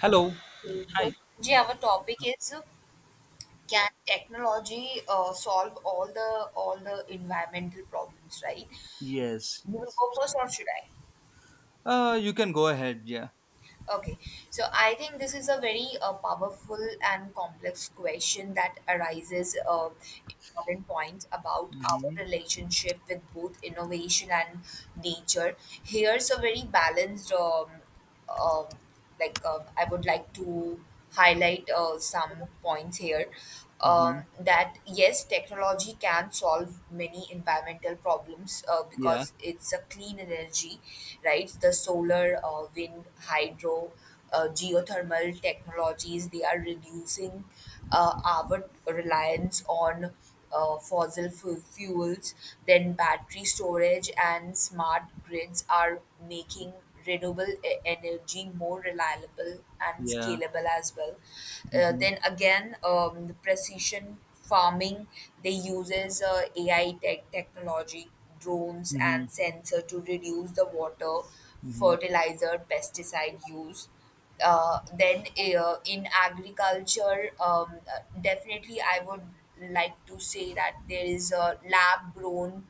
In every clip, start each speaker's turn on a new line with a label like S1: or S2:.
S1: Hello.
S2: So,
S1: Hi.
S2: Ji, our topic is can technology solve all the environmental problems, right?
S1: Yes,
S2: You will
S1: yes.
S2: go first, or should I?
S1: You can go ahead. Yeah.
S2: Okay. So I think this is a very powerful and complex question that arises important points about our
S1: Mm-hmm.
S2: relationship with both innovation and nature. Here's a very balanced, um, I would like to highlight some points here. Um,
S1: Mm-hmm.
S2: that yes, technology can solve many environmental problems
S1: Yeah,
S2: because it's a clean energy, right? The solar, wind, hydro, geothermal technologies they are reducing our reliance on fossil fuels, then battery storage and smart grids are making renewable energy more reliable and
S1: yeah.
S2: scalable as well. Uh,
S1: Mm-hmm.
S2: then again, the precision farming they uses AI technology, drones
S1: Mm-hmm.
S2: and sensor to reduce the water,
S1: Mm-hmm.
S2: fertilizer, pesticide use then in agriculture, definitely I would like to say that there is a lab grown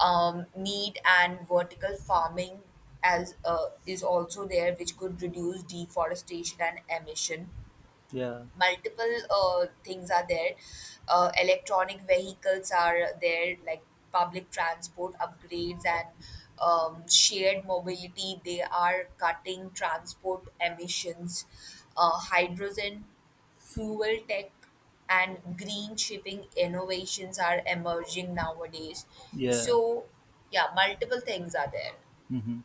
S2: meat and vertical farming as is also there, which could reduce deforestation and emission
S1: Yeah,
S2: multiple things are there. Electronic vehicles are there, like public transport upgrades and shared mobility. They are cutting transport emissions. Hydrogen fuel tech and green shipping innovations are emerging nowadays.
S1: yeah.
S2: So, yeah, multiple things are
S1: Mm-hmm.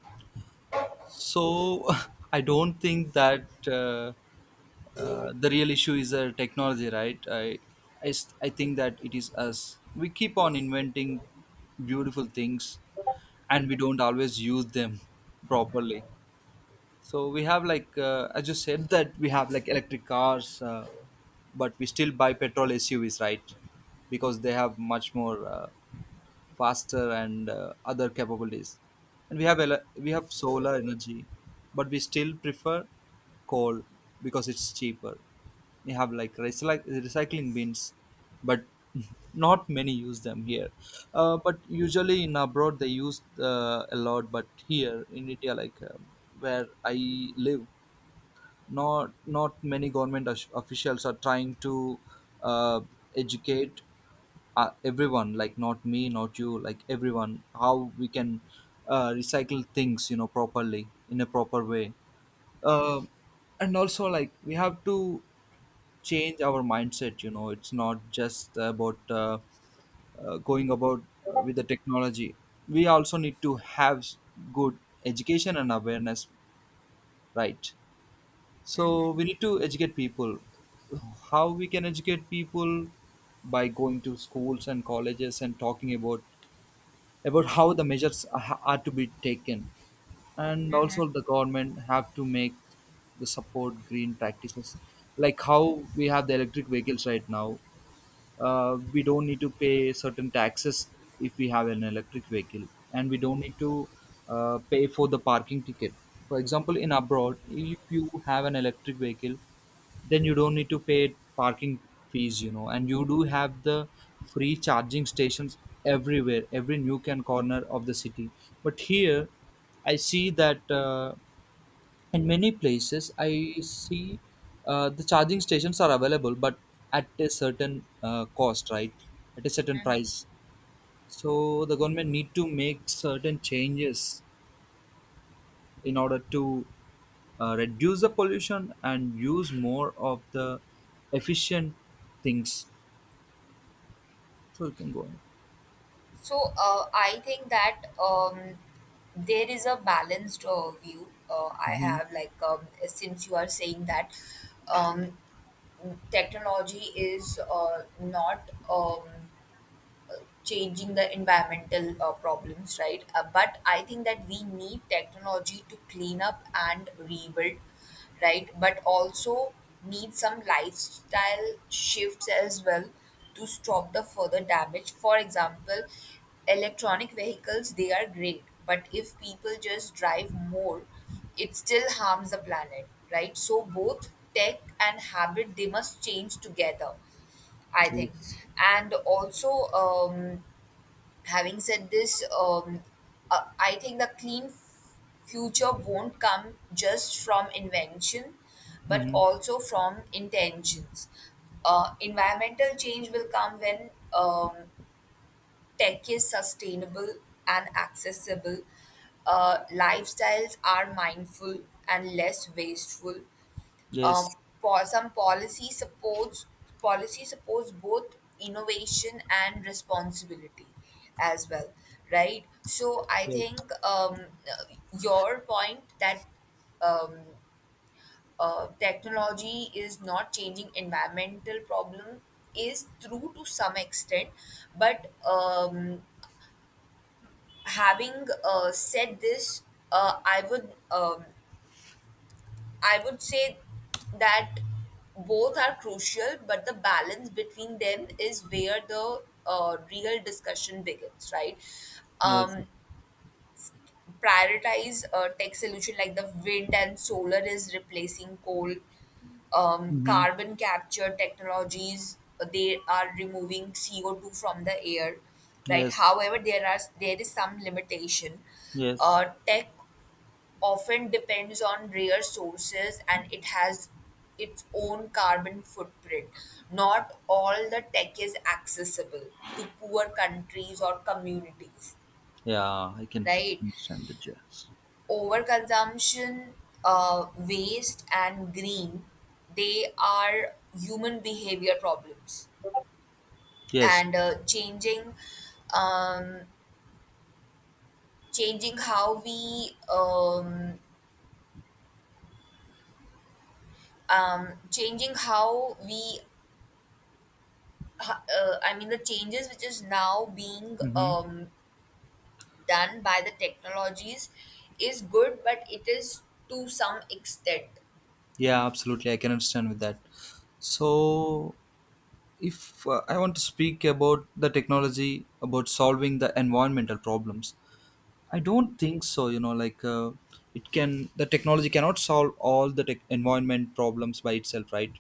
S1: So I don't think that the real issue is a technology, right? I think that it is us. We keep on inventing beautiful things, and we don't always use them properly. So we have like as you said that we have like electric cars but we still buy petrol suvs, right? Because they have much more faster and other capabilities, and we have we have solar energy, but we still prefer coal because it's cheaper. We have like recycling bins, but not many use them here. But usually in abroad they use a lot, but here in india like where I live, not many government officials are trying to uh, educate everyone, like not me, not you, like everyone, how we can recycle things properly in a proper way. uh, and also like we have to change our mindset, it's not just about going about with the technology. We also need to have good education and awareness, right? So we need to educate people. How we can educate people by going to schools and colleges and talking about how the measures are to be taken. And
S2: there.
S1: also the government have to make the support green practices, like how we have the electric vehicles right now. We don't need to pay certain taxes if we have an electric vehicle, and we don't need to pay for the parking ticket. For example, in abroad, if you have an electric vehicle, then you don't need to pay parking fees, and you do have the free charging stations everywhere, every nook and corner of the city. But here I see that in many places I see the charging stations are available, but at a certain cost, right? At a certain price. So the government need to make certain changes in order to reduce the pollution and use more of the efficient things. So you can go ahead.
S2: So I think that there is a balanced view I
S1: Hmm.
S2: have. Like since you are saying that um, technology is not. Changing the environmental problems, right? But I think that we need technology to clean up and rebuild, right? But also need some lifestyle shifts as well to stop the further damage. For example, electronic vehicles they are great, but if people just drive more, it still harms the planet, right? So both tech and habit they must change together I think.
S1: Yes.
S2: And also, having said this, I think the clean future won't come just from invention, but
S1: Mm-hmm.
S2: also from intentions. Environmental change will come when tech is sustainable and accessible, lifestyles are mindful and less wasteful,
S1: Yes.
S2: um, po- some policy supports both innovation and responsibility as well, right? So I
S1: Yes.
S2: think, your point that um, technology is not changing environmental problem is true to some extent, but having said this, uh, i would um, I would say that both are crucial, but the balance between them is where the real discussion begins, right?
S1: Yes.
S2: Um, prioritize a tech solution like the wind and solar is replacing coal. Um,
S1: Mm-hmm.
S2: carbon capture technologies they are removing CO two from the air, right?
S1: Yes.
S2: However, there is some limitation.
S1: Yes.
S2: Tech often depends on rare sources and it has its own carbon footprint. Not all the tech is accessible to poor countries or communities, right?
S1: Understand it. Yes.
S2: Overconsumption, waste, and green, they are human behavior problems,
S1: Yes.
S2: and changing um, changing how we um, changing how we ha- I mean, the changes which is now being
S1: Mm-hmm.
S2: done by the technologies is good, but it is to some extent.
S1: Yeah, absolutely. I can understand with that. So, if I want to speak about the technology about solving the environmental problems, I don't think so. It can the technology cannot solve all the tech environment problems by itself, right?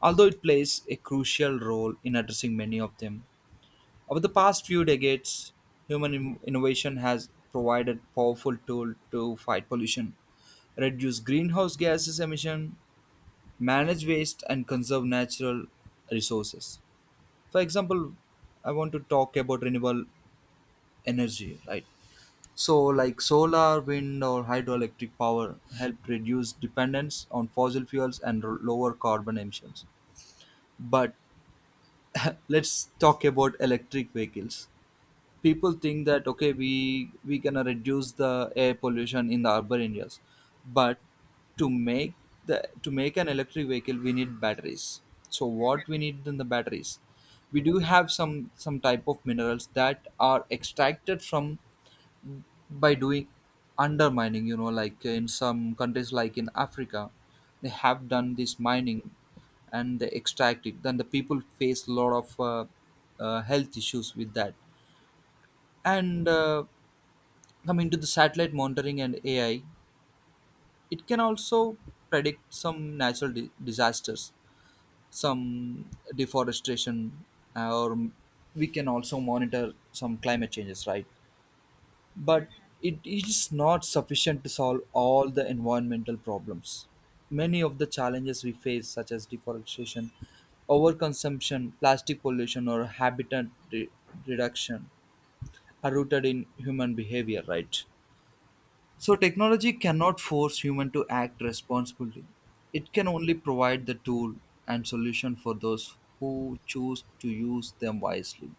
S1: Although it plays a crucial role in addressing many of them. Over the past few decades, human innovation has provided powerful tool to fight pollution, reduce greenhouse gases emission, manage waste, and conserve natural resources. For example, I want to talk about renewable energy, right? So, like solar, wind, or hydroelectric power help reduce dependence on fossil fuels and lower carbon emissions. But let's talk about electric vehicles. People think that okay, we gonna reduce the air pollution in the urban areas, but to make the to make an electric vehicle, we need batteries. So, what we need in the batteries? We do have some type of minerals that are extracted from by doing undermining, like in some countries like in africa. They have done this mining and they extract it, then the people face a lot of health issues with that. And coming to the satellite monitoring and ai, it can also predict some natural disasters, some deforestation, or we can also monitor some climate changes, right? But it is not sufficient to solve all the environmental problems. Many of the challenges we face, such as deforestation, overconsumption, plastic pollution, or habitat re- reduction, are rooted in human behavior, right? So, technology cannot force human to act responsibly. It can only provide the tool and solution for those who choose to use them wisely.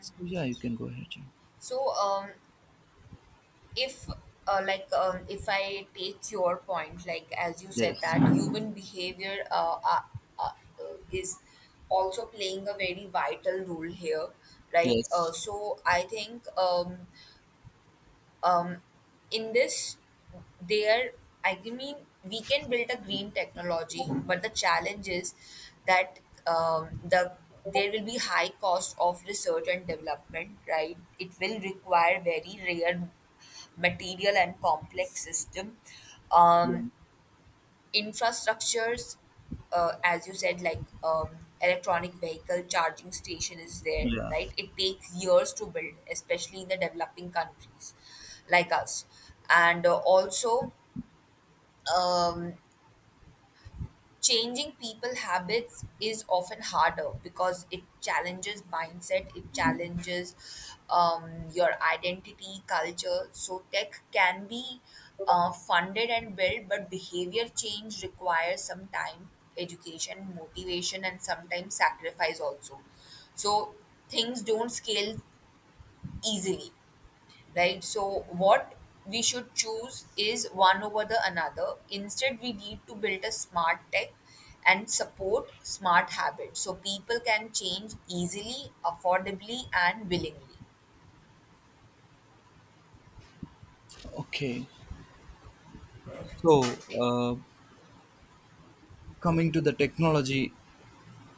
S1: So, yeah, you can go ahead. Yeah.
S2: So, if if I take your point, like as you said
S1: Yes.
S2: that human behavior uh, is also playing a very vital role here, right?
S1: Yes.
S2: So I think. Um, in this, there I mean we can build a green technology, but the challenge is that, the there will be high cost of research and development, right? It will require very rare material and complex system um,
S1: Yeah.
S2: infrastructures, as you said, like electronic vehicle charging station is there,
S1: Yeah.
S2: right? It takes years to build, especially in the developing countries like us. And also, um, changing people habits is often harder because it challenges mindset, it challenges um, your identity culture. So tech can be funded and built, but behavior change requires some time, education, motivation, and sometimes sacrifice also. So things don't scale easily, right? So, what we should choose is one over the another. Instead, we need to build a smart tech and support smart habits so people can change easily, affordably, and willingly.
S1: Okay, so coming to the technology,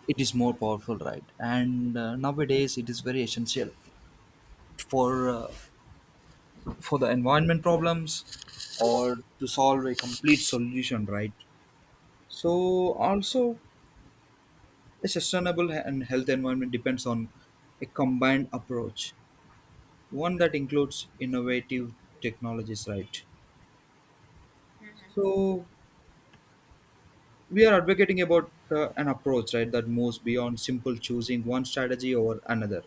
S1: it is more powerful, right? And nowadays, it is very essential for uh, for the environment problems or to solve a complete solution, right? So also, a sustainable and health environment depends on a combined approach, one that includes innovative technologies, right? So we are advocating about an approach, right, that moves beyond simple choosing one strategy over another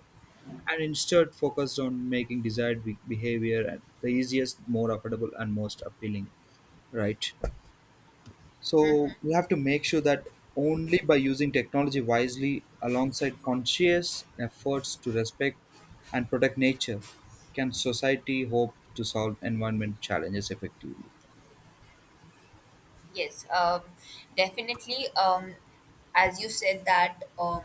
S1: and instead focus on making desired behavior and the easiest more affordable and most appealing, right? So we have to make sure that only by using technology wisely alongside conscious efforts to respect and protect nature can society hope to solve environment challenges effectively.
S2: Yes, definitely. As you said that, um,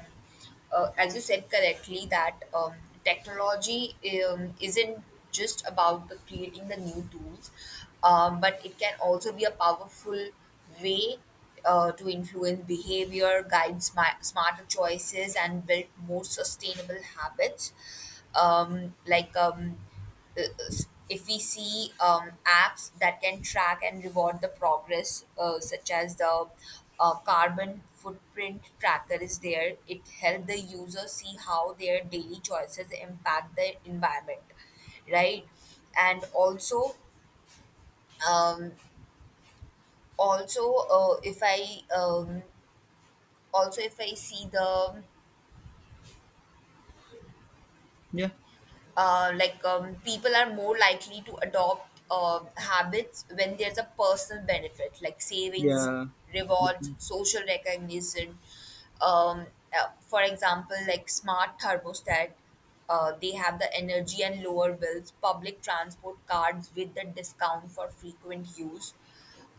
S2: uh, as you said correctly, that technology isn't just about the creating the new tools, but it can also be a powerful way to influence behavior, guide smarter choices, and build more sustainable habits. Um, like um, uh, if we see apps that can track and reward the progress, such as the carbon footprint tracker is there, it helps the user see how their daily choices impact the environment, right? And also, um, also if I also if I see the
S1: Yeah.
S2: people are more likely to adopt habits when there's a personal benefit like savings,
S1: Yeah. Okay.
S2: rewards, social recognition. Um, uh, for example, like smart thermostat, they have the energy and lower bills, public transport cards with the discount for frequent use,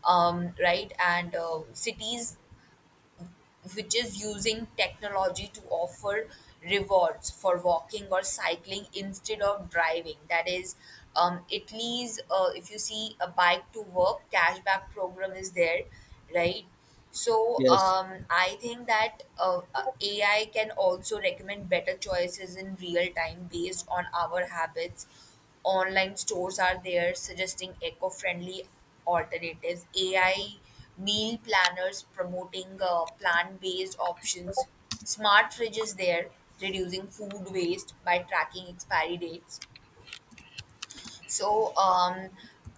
S2: right? And cities which is using technology to offer rewards for walking or cycling instead of driving. That is, Italy's, if you see, a bike to work cashback program is there, right? So
S1: Yes.
S2: I think that AI can also recommend better choices in real time based on our habits. Online stores are there suggesting eco friendly alternatives, AI meal planners promoting plant-based options, smart fridges there reducing food waste by tracking expiry dates. So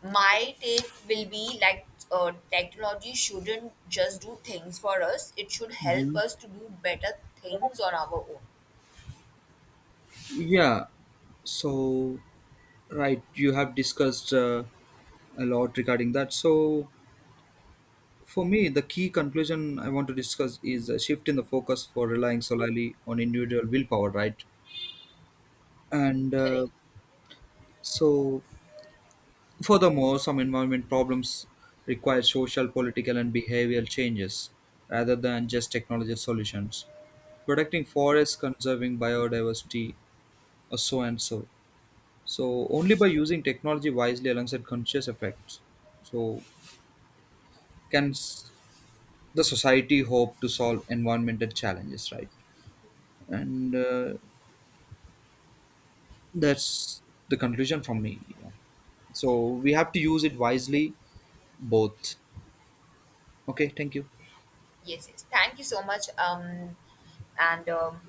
S2: my take will be like technology shouldn't just do things for us; it should help
S1: Mhm.
S2: us to do better things on our own.
S1: Yeah. So, right, you have discussed a lot regarding that. So, for me, the key conclusion I want to discuss is a shift in the focus for relying solely on individual willpower, right? And
S2: Correct.
S1: so, furthermore, some environment problems require social, political, and behavioral changes rather than just technology solutions. Protecting forests, conserving biodiversity, or so and so. So only by using technology wisely alongside conscious effects, so can the society hope to solve environmental challenges, right? And that's the conclusion from me. Yeah. So we have to use it wisely, both. Okay, thank you.
S2: Yes. Yes. Thank you so much. And